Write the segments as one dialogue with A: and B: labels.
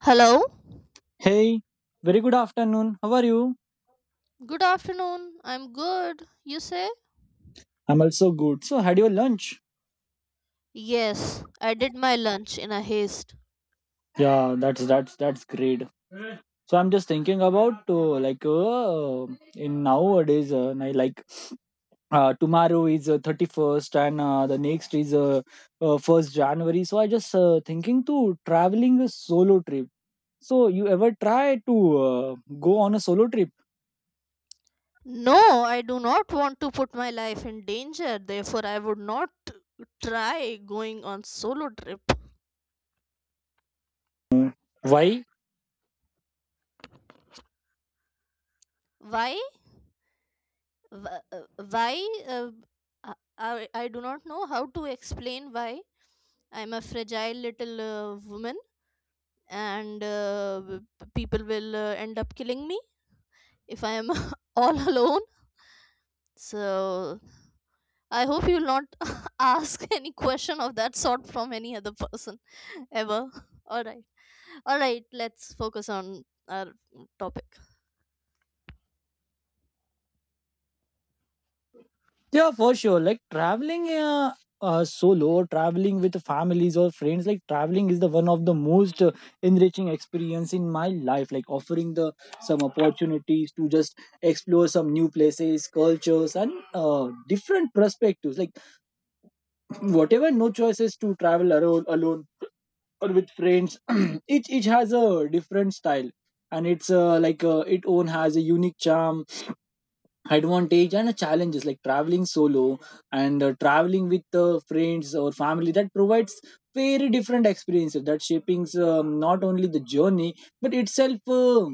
A: Hello?
B: Hey, very good afternoon. How are you?
A: Good afternoon. I'm good. You say?
B: I'm also good. So, had your lunch?
A: Yes, I did my lunch in a haste.
B: Yeah, that's great. So, I'm just thinking about like in nowadays, I like tomorrow is 31st and the next is 1st January. So, I just thinking to traveling a solo trip. So, you ever try to go on a solo trip?
A: No, I do not want to put my life in danger. Therefore, I would not try going on solo trip.
B: Why?
A: Why? Wh- uh, Why? Uh, I, I do not know how to explain why. I'm a fragile little woman, and people will end up killing me if I am all alone. So I hope you'll not ask any question of that sort from any other person ever. All right. All right, let's focus on our topic.
B: Yeah, for sure. Like traveling solo, or traveling with families or friends, like traveling is the one of the most enriching experience in my life. Like offering the some opportunities to just explore some new places, cultures, and different perspectives. Like whatever, no choices to travel alone, alone or with friends. Each has a different style, and it's like it own has a unique charm advantage and challenges like traveling solo and traveling with friends or family that provides very different experiences that shapings not only the journey but itself uh,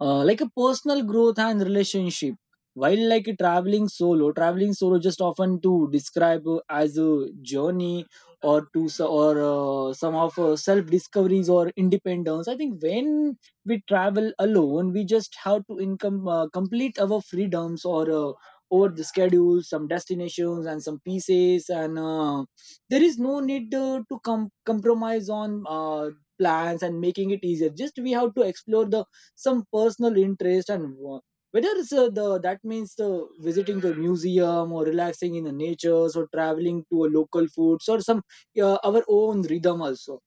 B: uh, like a personal growth and relationship while like a traveling solo just often to describe as a journey or to s- or some of self discoveries or independence. I think when we travel alone, we just have to income complete our freedoms or over the schedule some destinations and some pieces and there is no need to compromise on plans and making it easier. Just we have to explore the some personal interest and whether it's the that means the visiting the museum or relaxing in the natures or traveling to a local foods or some our own rhythm also.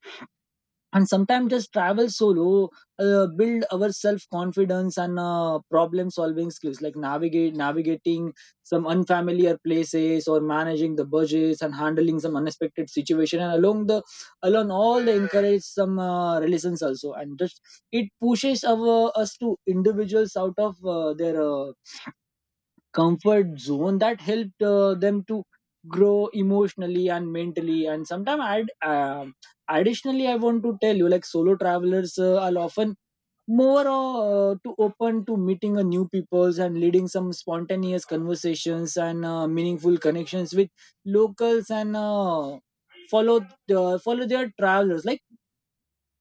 B: And sometimes just travel solo build our self confidence and problem solving skills like navigate navigating some unfamiliar places or managing the budgets and handling some unexpected situation. And along the along all the encourage some relations also, and just it pushes our us to individuals out of their comfort zone that helped them to grow emotionally and mentally. And sometimes I'd additionally I want to tell you like solo travelers are often more to open to meeting a new peoples and leading some spontaneous conversations and meaningful connections with locals and follow follow their travelers. Like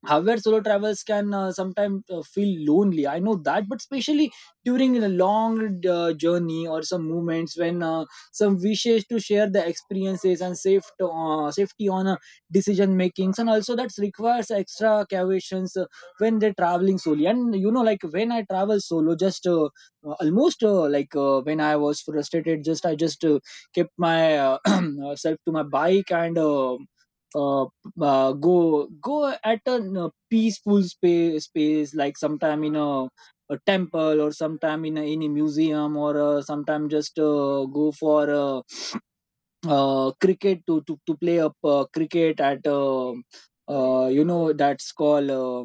B: however solo travels can sometimes feel lonely, I know that, but especially during a long journey or some moments when some wishes to share the experiences and safety on decision makings, and also that requires extra cautions when they're traveling solo. And you know like when I travel solo just almost like when I was frustrated, just I just kept my self to my bike and uh, go at a, you know, peaceful space like sometime in a temple or sometime in a museum, or sometime just go for cricket to to play up cricket at you know, that's called uh,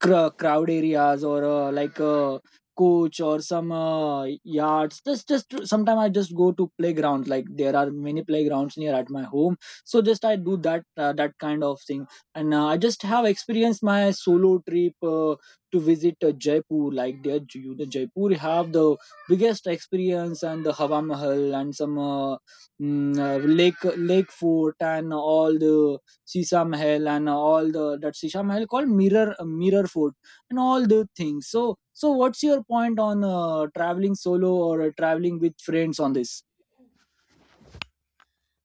B: cr- crowd areas, or like a coach or some yards. Just sometimes I just go to playgrounds. Like there are many playgrounds near at my home, so just I do that that kind of thing. And I just have experienced my solo trip to visit Jaipur. Like there you, the Jaipur have the biggest experience and the Hawa Mahal and some lake fort and all the Sisa Mahal and all the, that Sisa Mahal called Mirror Fort and all the things. So so what's your point on traveling solo or traveling with friends on this?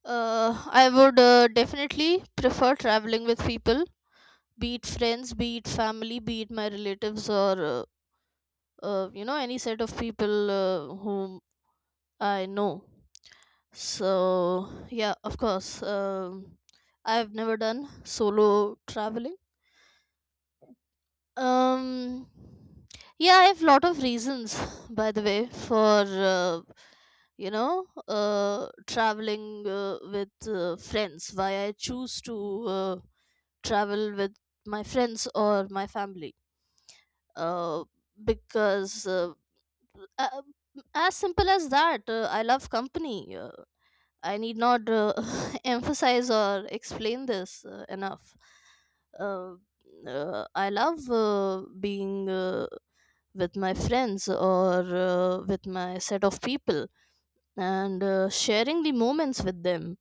A: I would definitely prefer traveling with people, be it friends, be it family, be it my relatives, or you know, any set of people whom I know. So, yeah, of course, I've never done solo traveling. Um, yeah, I have lot of reasons, by the way, for you know traveling with friends. Why I choose to travel with my friends or my family. Uh, because uh, as simple as that, I love company. I need not emphasize or explain this enough. Uh, I love being with my friends or with my set of people and sharing the moments with them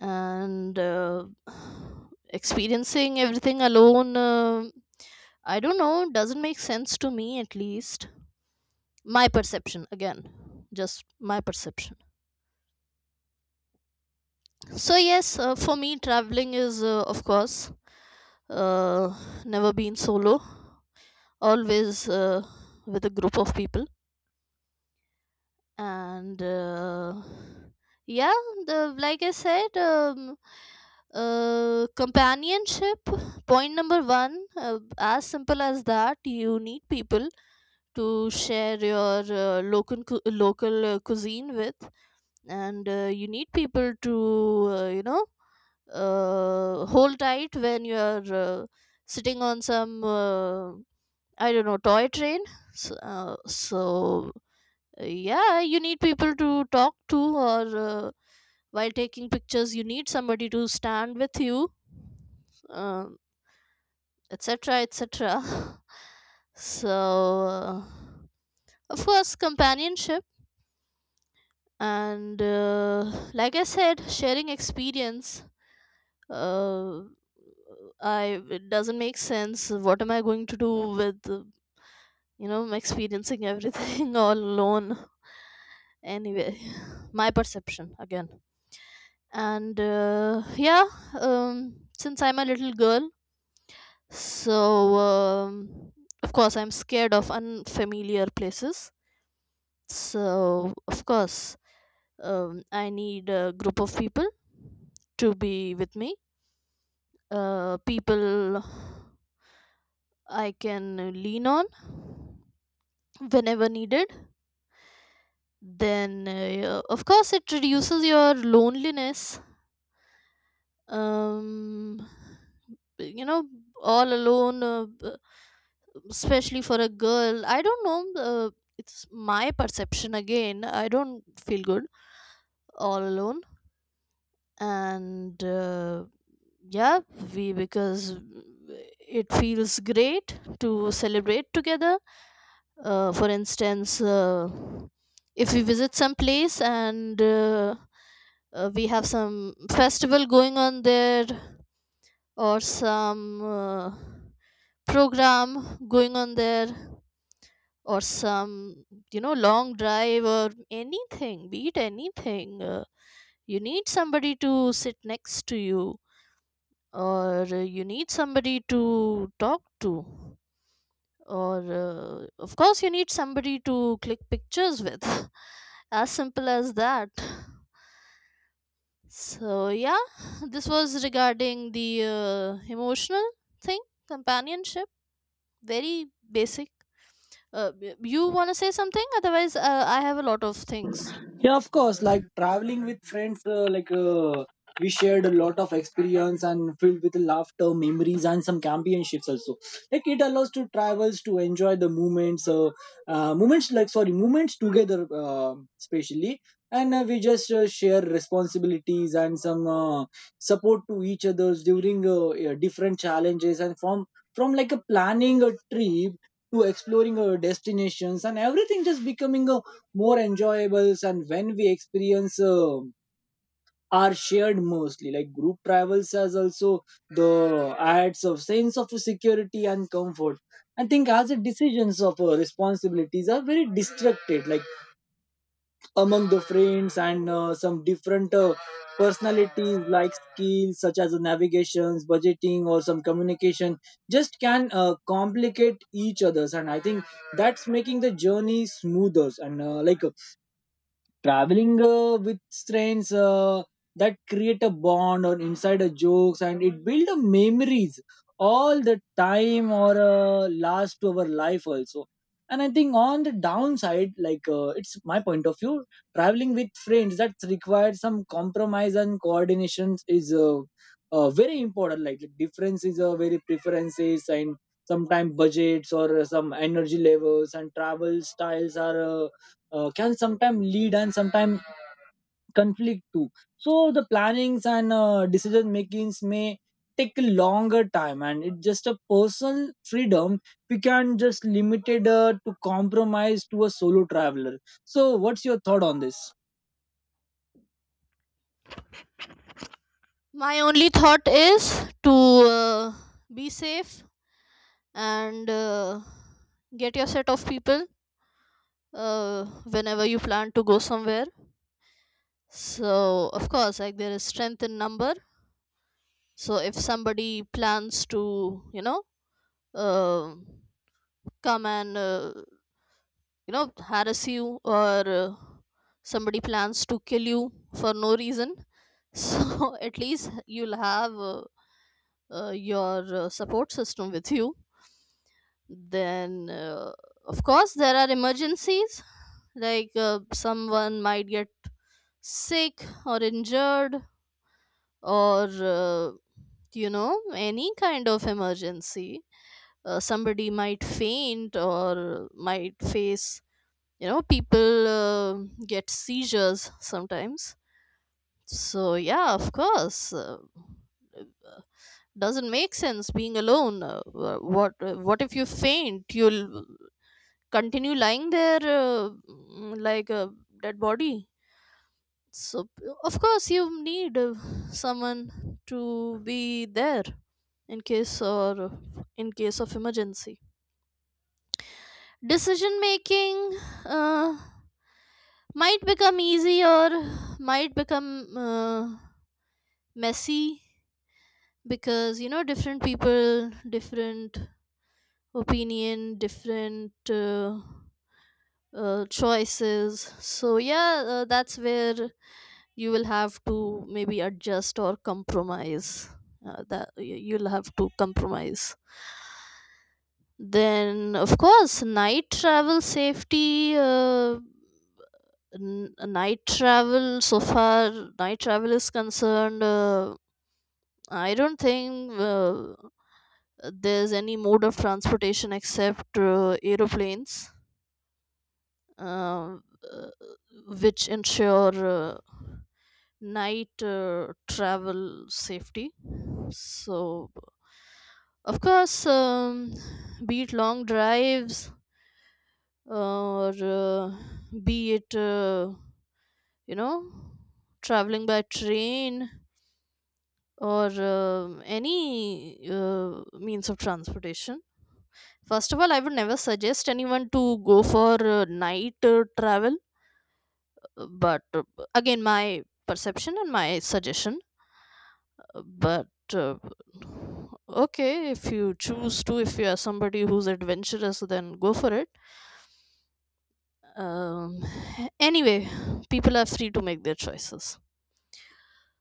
A: and experiencing everything alone. I don't know, doesn't make sense to me at least. My perception, again, just my perception. So yes, for me traveling is of course uh, never been solo, always with a group of people. And yeah, the like I said, companionship. Point number one, as simple as that, you need people to share your local cuisine with and you need people to you know hold tight when you are sitting on some I don't know toy train so, yeah you need people to talk to or while taking pictures you need somebody to stand with you, um, etc etc. So of course companionship and like I said sharing experience. Uh, i it doesn't make sense, what am I going to do with you know experiencing everything all alone anyway, my perception again. And yeah, since I'm a little girl so of course I'm scared of unfamiliar places, so of course I need a group of people to be with me, people I can lean on whenever needed. Then, of course, it reduces your loneliness. Um, you know, all alone, especially for a girl. I don't know. It's my perception again. I don't feel good all alone. And. Yeah, we because it feels great to celebrate together. For instance, if we visit some place and we have some festival going on there or some program going on there or some you know long drive or anything, be it anything, you need somebody to sit next to you or you need somebody to talk to or of course you need somebody to click pictures with. As simple as that. So yeah, this was regarding the emotional thing, companionship, very basic. You want to say something, otherwise I have a lot of things.
B: Yeah, of course. Like traveling with friends, we shared a lot of experience and filled with laughter, memories, and some championships also. Like it allows to travels to enjoy the moments, moments, like sorry, moments together, especially. And we just share responsibilities and some support to each others during different challenges and from like a planning a trip to exploring destinations. And everything just becoming a more enjoyables and when we experience are shared mostly like group travels has also the adds of sense of security and comfort. I think as the decisions of responsibilities are very distracted like among the friends and some different personalities like skills such as navigations, budgeting or some communication just can complicate each others, and I think that's making the journey smoother. And like traveling with friends that create a bond or inside a jokes, and it build a memories all the time or last to our life also. And I think on the downside, like it's my point of view, traveling with friends that requires some compromise and coordination is very important. Like the difference is very preferences, and sometimes budgets or some energy levels and travel styles are can sometimes lead and sometimes conflict too. So the plannings and decision makings may take a longer time, and it's just a personal freedom. We can just limited to compromise to a solo traveler. So, what's your thought on this?
A: My only thought is to be safe and get your set of people whenever you plan to go somewhere. So, of course, like there is strength in number. So, if somebody plans to, you know, uh, come and, you know, harass you or somebody plans to kill you for no reason, so at least you'll have your support system with you. Then of course there are emergencies, like someone might get sick or injured, or you know any kind of emergency. Somebody might faint or might face, you know, people get seizures sometimes. So yeah, of course doesn't make sense being alone. What if you faint, you'll continue lying there mm, like a dead body. So, of course, you need someone to be there in case or in case of emergency. Decision making uh, might become easy or might become messy, because you know different people, different opinion, different choices. So yeah, that's where you will have to maybe adjust or compromise, you'll have to compromise. Then of course night travel safety, night travel, so far night travel is concerned, I don't think there's any mode of transportation except aeroplanes uh, uh, which ensure night travel safety. So of course, be it long drives or be it, you know, traveling by train or any means of transportation. First of all, I would never suggest anyone to go for night travel, but again, my perception and my suggestion. But uh, okay, if you choose to, if you are somebody who's adventurous, then go for it. um anyway, people are free to make their choices.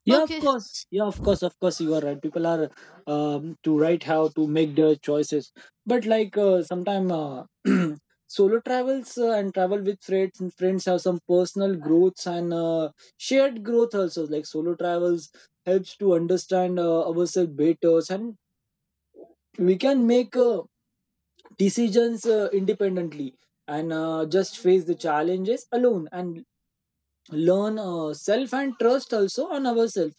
B: Yeah, of
A: Okay.
B: course. Yeah, of course. Of course, you are right. People are to write how to make their choices. But like sometime solo travels and travel with friends and friends have some personal growths and shared growth also. Like solo travels helps to understand ourselves better, and we can make decisions independently, and just face the challenges alone and learn self and trust also on ourselves.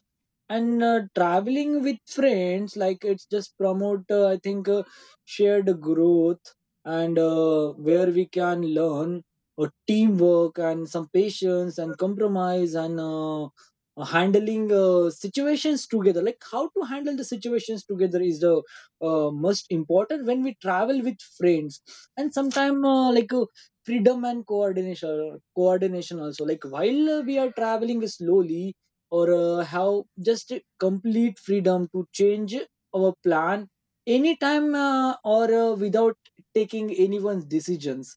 B: And traveling with friends, like it's just promote I think shared growth. And where we can learn teamwork and some patience and compromise and handling situations together, like how to handle the situations together is the most important when we travel with friends. And sometimes freedom and coordination also, like while we are traveling slowly or have just complete freedom to change our plan anytime or without taking anyone's decisions.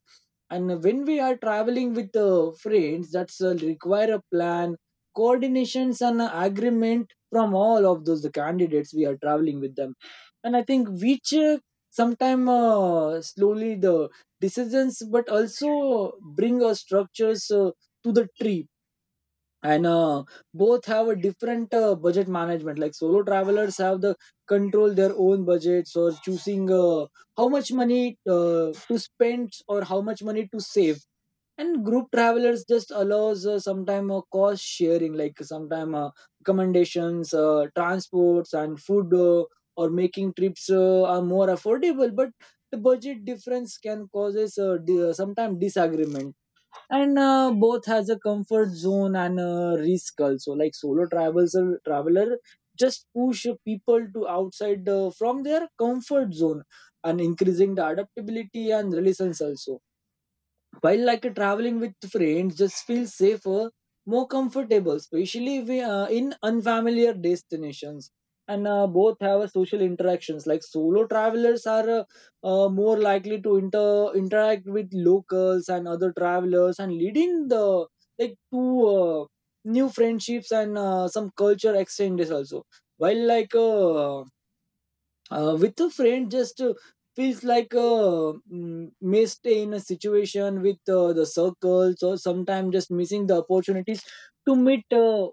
B: And when we are traveling with friends, that's require a plan, coordinations and agreement from all of those the candidates we are traveling with them. And I think which sometime slowly the decisions but also bring structures to the trip. And both have a different budget management. Like solo travelers have the control their own budgets or choosing how much money to spend or how much money to save. And group travelers just allows sometime cost sharing, like sometime accommodations, transports and food or making trips are more affordable, but the budget difference can causes sometimes disagreement. And both has a comfort zone and risk also, like solo travels traveler just push people to outside from their comfort zone and increasing the adaptability and resilience also. While like a traveling with friends just feels safer, more comfortable, especially if we, in unfamiliar destinations. And both have a social interactions, like solo travelers are more likely to interact with locals and other travelers and leading the like to new friendships and some culture exchanges also. While like with a friend, just feels like mm, missed in a situation with the circles, or sometimes just missing the opportunities to meet uh,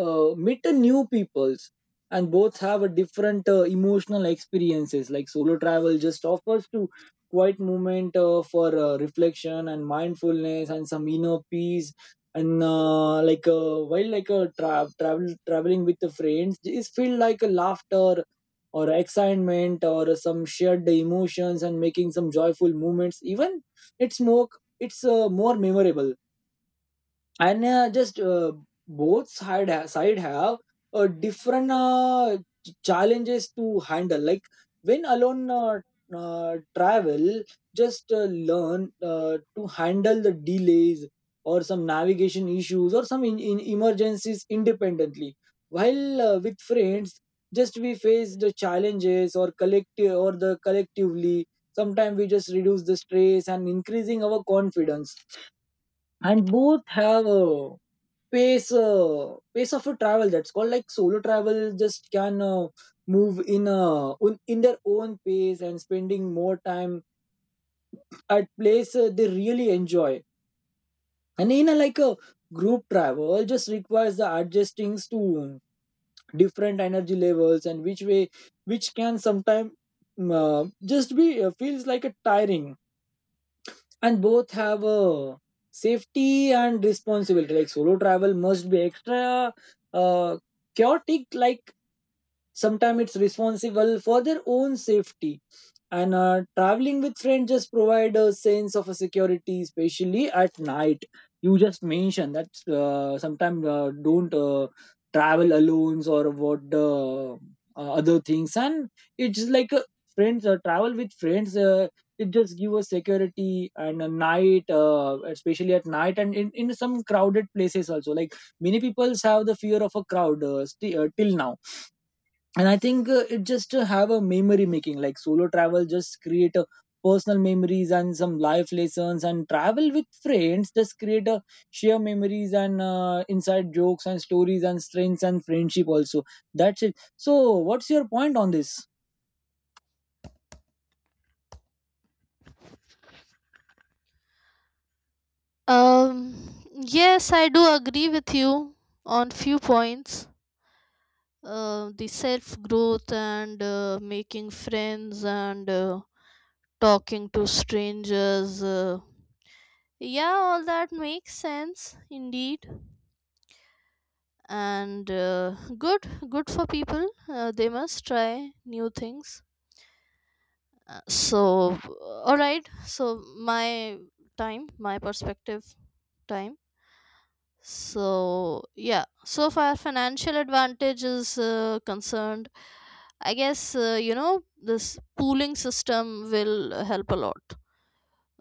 B: uh, meet a new peoples. And both have a different emotional experiences, like solo travel just offers to quiet moment for reflection and mindfulness and some inner peace. And while like a traveling with the friends is feel like a laughter or excitement or some shared emotions and making some joyful moments, even it's more, it's more memorable. And just both side side have different challenges to handle, like when alone travel just learn to handle the delays or some navigation issues or some in emergencies independently. While with friends, just we face the challenges or collective or the collectively, sometimes we just reduce the stress and increasing our confidence. And both have pace of a travel, that's called like solo travel just can move in in their own pace and spending more time at place they really enjoy. And in a like a group travel just requires the adjustings to different energy levels and which way, which can sometimes uh, just be feels like a tiring. And Both have a safety and responsibility. Like solo travel must be extra uh, chaotic, like sometimes it's responsible for their own safety, and traveling with friends just provide a sense of a security, especially at night. You just mentioned that sometimes don't travel alone or what the other things. And it's friends travel with friends it just give us security and a night, especially at night and in some crowded places also. Like many people have the fear of a crowd till now. And I think it just to have a memory making. Like solo travel just create a personal memories and some life lessons, and travel with friends just create a share memories and inside jokes and stories and strengths and friendship also. That's it. So what's your point on this?
A: um yes I do agree with you on few points, the self growth and making friends and talking to strangers. Yeah, all that makes sense indeed, and good for people. They must try new things. So all right, so my time, my perspective time. So yeah, so far financial advantage is concerned, I guess you know this pooling system will help a lot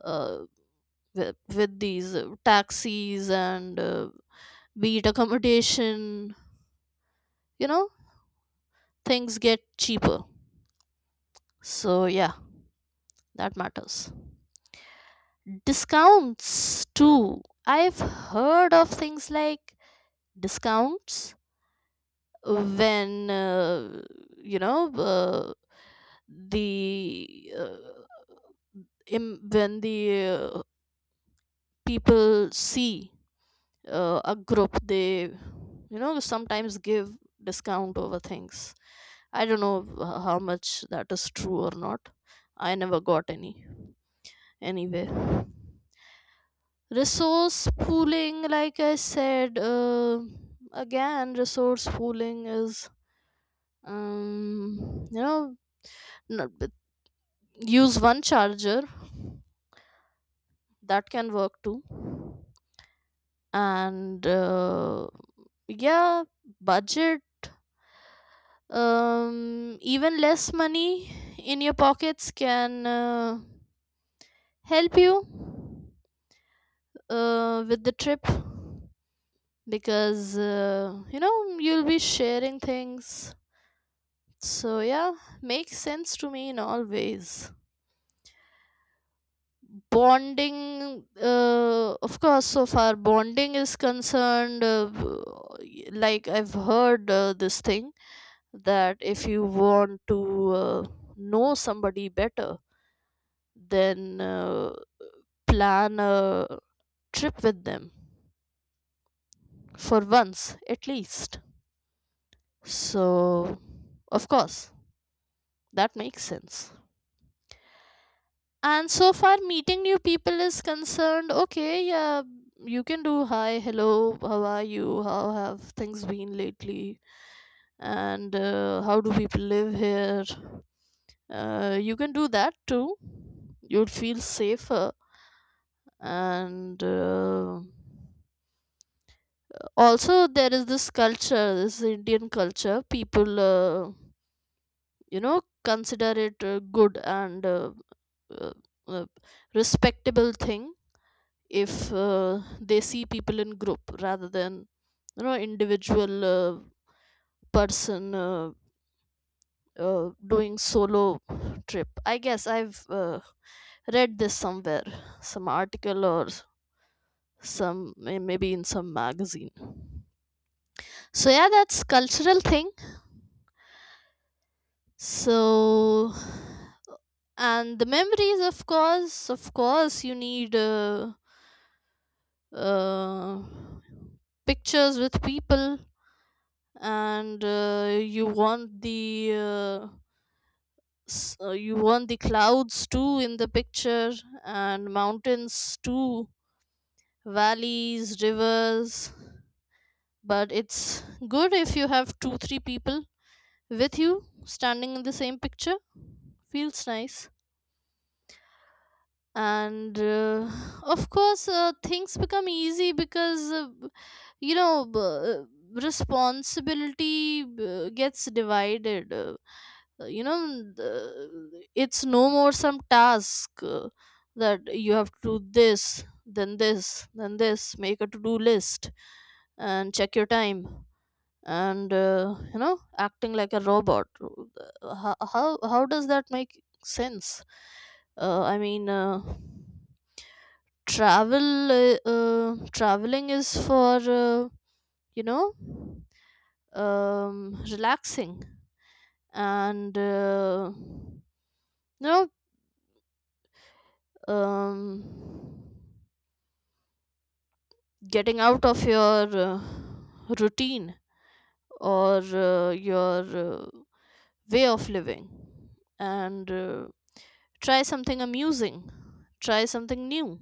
A: uh, with these taxis, and be it accommodation, you know things get cheaper. So yeah, that matters. Discounts too. I've heard of things like discounts when you know the uh, when the people see a group, they you know sometimes give discount over things. I don't know how much that is true or not. I never got any anywhere. Resource pooling, like I said, again, resource pooling is, you know, but use one charger, that can work too. And yeah, budget, even less money in your pockets can help you with the trip, because you know you'll be sharing things. So yeah, makes sense to me in all ways. Bonding, of course, so far bonding is concerned, like I've heard this thing that if you want to know somebody better, then plan a trip with them for once at least. So, of course, that makes sense. And so far, meeting new people is concerned. Okay, yeah, you can do hi, hello, how are you? How have things been lately? And how do people live here? You can do that too. You'll feel safer. And also, there is this culture, this Indian culture. People, you know, consider it a good and uh, uh, respectable thing if they see people in group rather than you know individual person doing solo trip. I guess I've read this somewhere, some article or some maybe in some magazine. So yeah, that's cultural thing. So, and the memories, of course, of course you need uh, pictures with people, and you want the you want the clouds too in the picture, and mountains too, valleys, rivers, but it's good if you have two three people with you standing in the same picture, feels nice. And of course things become easy because you know responsibility gets divided, you know, the, it's no more some task that you have to do this then this then this, make a to-do list and check your time, and you know acting like a robot. How does that make sense? I mean, traveling is for uh, you know, relaxing, and, you know, um, getting out of your routine or your way of living, and try something amusing, try something new,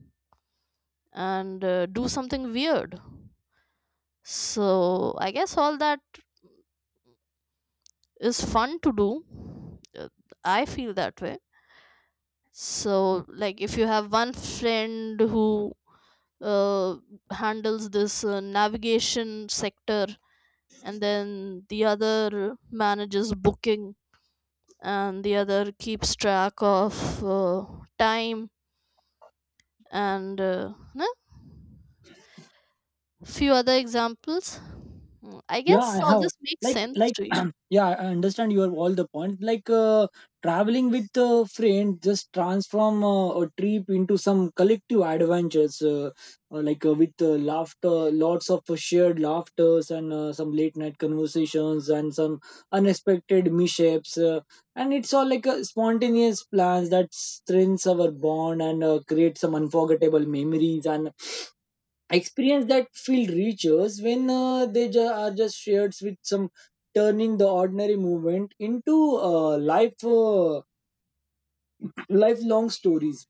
A: and do something weird. So, I guess all that is fun to do. I feel that way. So like if you have one friend who uh, handles this navigation sector, and then the other manages booking, and the other keeps track of time and no? Few other examples. Mm, I
B: Yeah,
A: guess
B: I
A: all
B: have,
A: this makes
B: like
A: sense
B: like
A: to you.
B: yeah, I understand your all the point. Traveling with a friend just transform a trip into some collective adventures, with laughter, lots of shared laughters and some late night conversations and some unexpected mishaps. And it's all like a spontaneous plans that strengthens our bond and create some unforgettable memories and experience that feel reaches when are just shared with some, turning the ordinary movement into lifelong stories.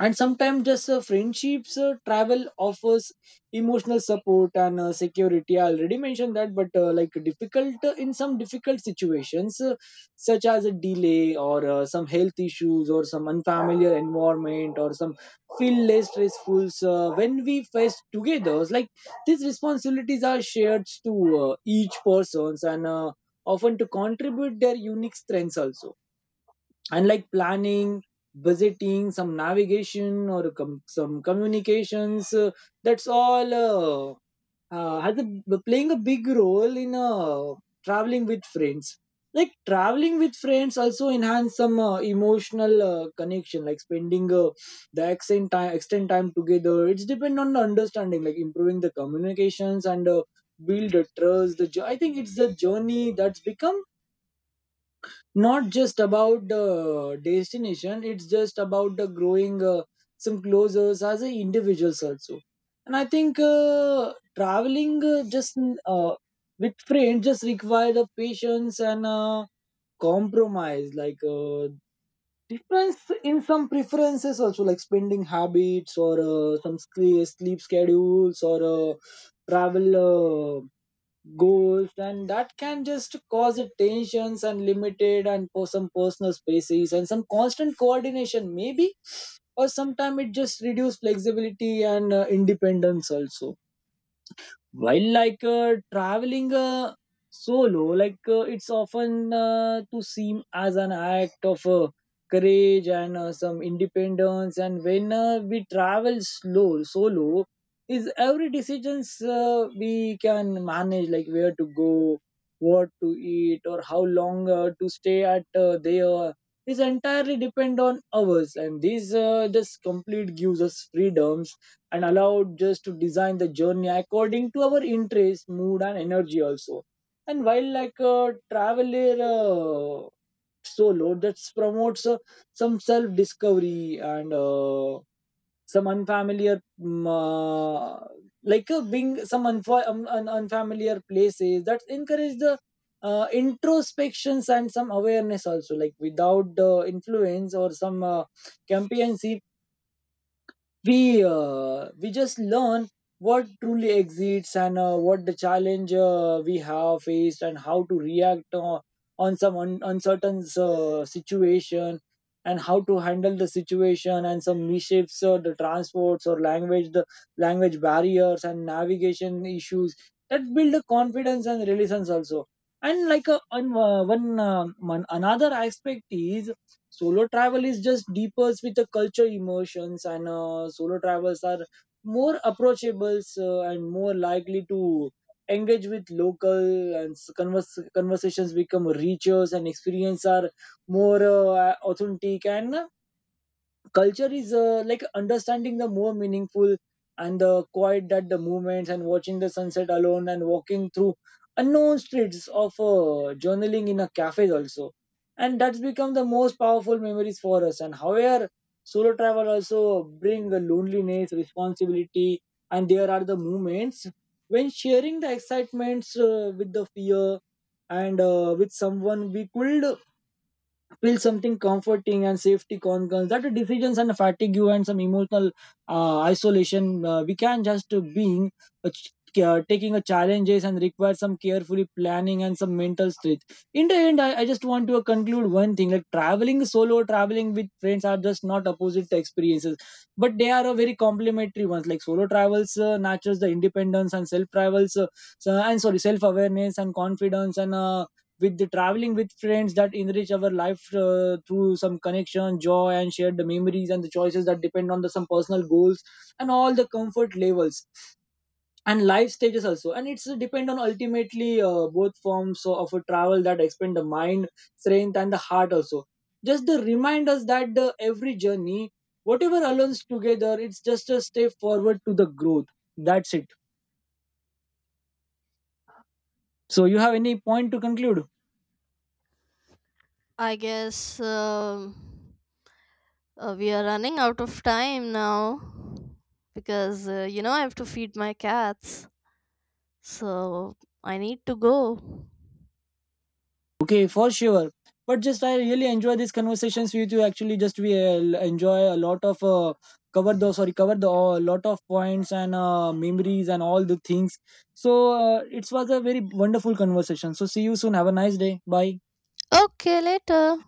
B: And sometimes just friendships, travel offers emotional support and security. I already mentioned that. But like difficult in some difficult situations, such as a delay or some health issues or some unfamiliar environment or some feel less stressful when we face together. It's like these responsibilities are shared to each persons, and often to contribute their unique strengths also. And like planning, visiting some navigation or some communications, that's all has playing a big role in traveling with friends. Like traveling with friends also enhance some emotional connection, like spending the extent time extend time together. It's depend on the understanding, like improving the communications and build a trust. I think it's the journey that's become not just about the destination, it's just about the growing some closer as a individuals also. And I think traveling just uh, with friends just require the patience and compromise, difference in some preferences also, like spending habits or some sleep schedules or travel goals, and that can just cause a tensions and limited and for some personal spaces and some constant coordination maybe, or sometimes it just reduce flexibility and independence also. While like traveling solo, it's often to seem as an act of courage and some independence. And when we travel slow solo is every decisions we can manage, like where to go, what to eat, or how long to stay at there is entirely depend on ours, and this just complete gives us freedoms and allowed just to design the journey according to our interest, mood, and energy also. And while like a traveler solo, that promotes some self discovery and some unfamiliar, being some unfamiliar places that encourage the introspections and some awareness also. Like without the influence or some campaigns, we just learn what truly exists and what the challenge we have faced and how to react on some uncertain situation, and how to handle the situation and some mishaps or the transports or language barriers and navigation issues that build a confidence and resilience also. And like a, on, one one another aspect is solo travel is just deepers with the culture emotions, and solo travels are more approachable and more likely to engage with local, and conversations become richer and experience are more authentic, and culture is like understanding the more meaningful, and the quiet that the movements and watching the sunset alone and walking through unknown streets of journaling in a cafe also, and that's become the most powerful memories for us. And however, solo travel also bring the loneliness responsibility, and there are the moments when sharing the excitements with the fear and with someone we could feel something comforting, and safety concerns that the decisions and fatigue and some emotional isolation we can just uh, ch- taking a challenges and require some carefully planning and some mental strength. In the end, I just want to conclude one thing, like traveling solo, traveling with friends, are just not opposite experiences, but they are a very complementary ones. Like solo travels nurtures the independence and self travels so- and sorry self awareness and confidence, and with the traveling with friends that enrich our life through some connection, joy, and shared memories, and the choices that depend on the some personal goals and all the comfort levels and life stages also. And it's depend on ultimately both forms of a travel that expand the mind, strength, and the heart also. Just the remind us that the every journey, whatever allows together, it's just a step forward to the growth. That's it. So you have any point to conclude?
A: I guess we are running out of time now because you know I have to feed my cats. So I need to go.
B: Okay, for sure. But just I really enjoy these conversations with you. Actually, just we enjoy a lot of cover the a lot of points and memories and all the things. So it was a very wonderful conversation. So see you soon. Have a nice day. Bye.
A: Okay, later.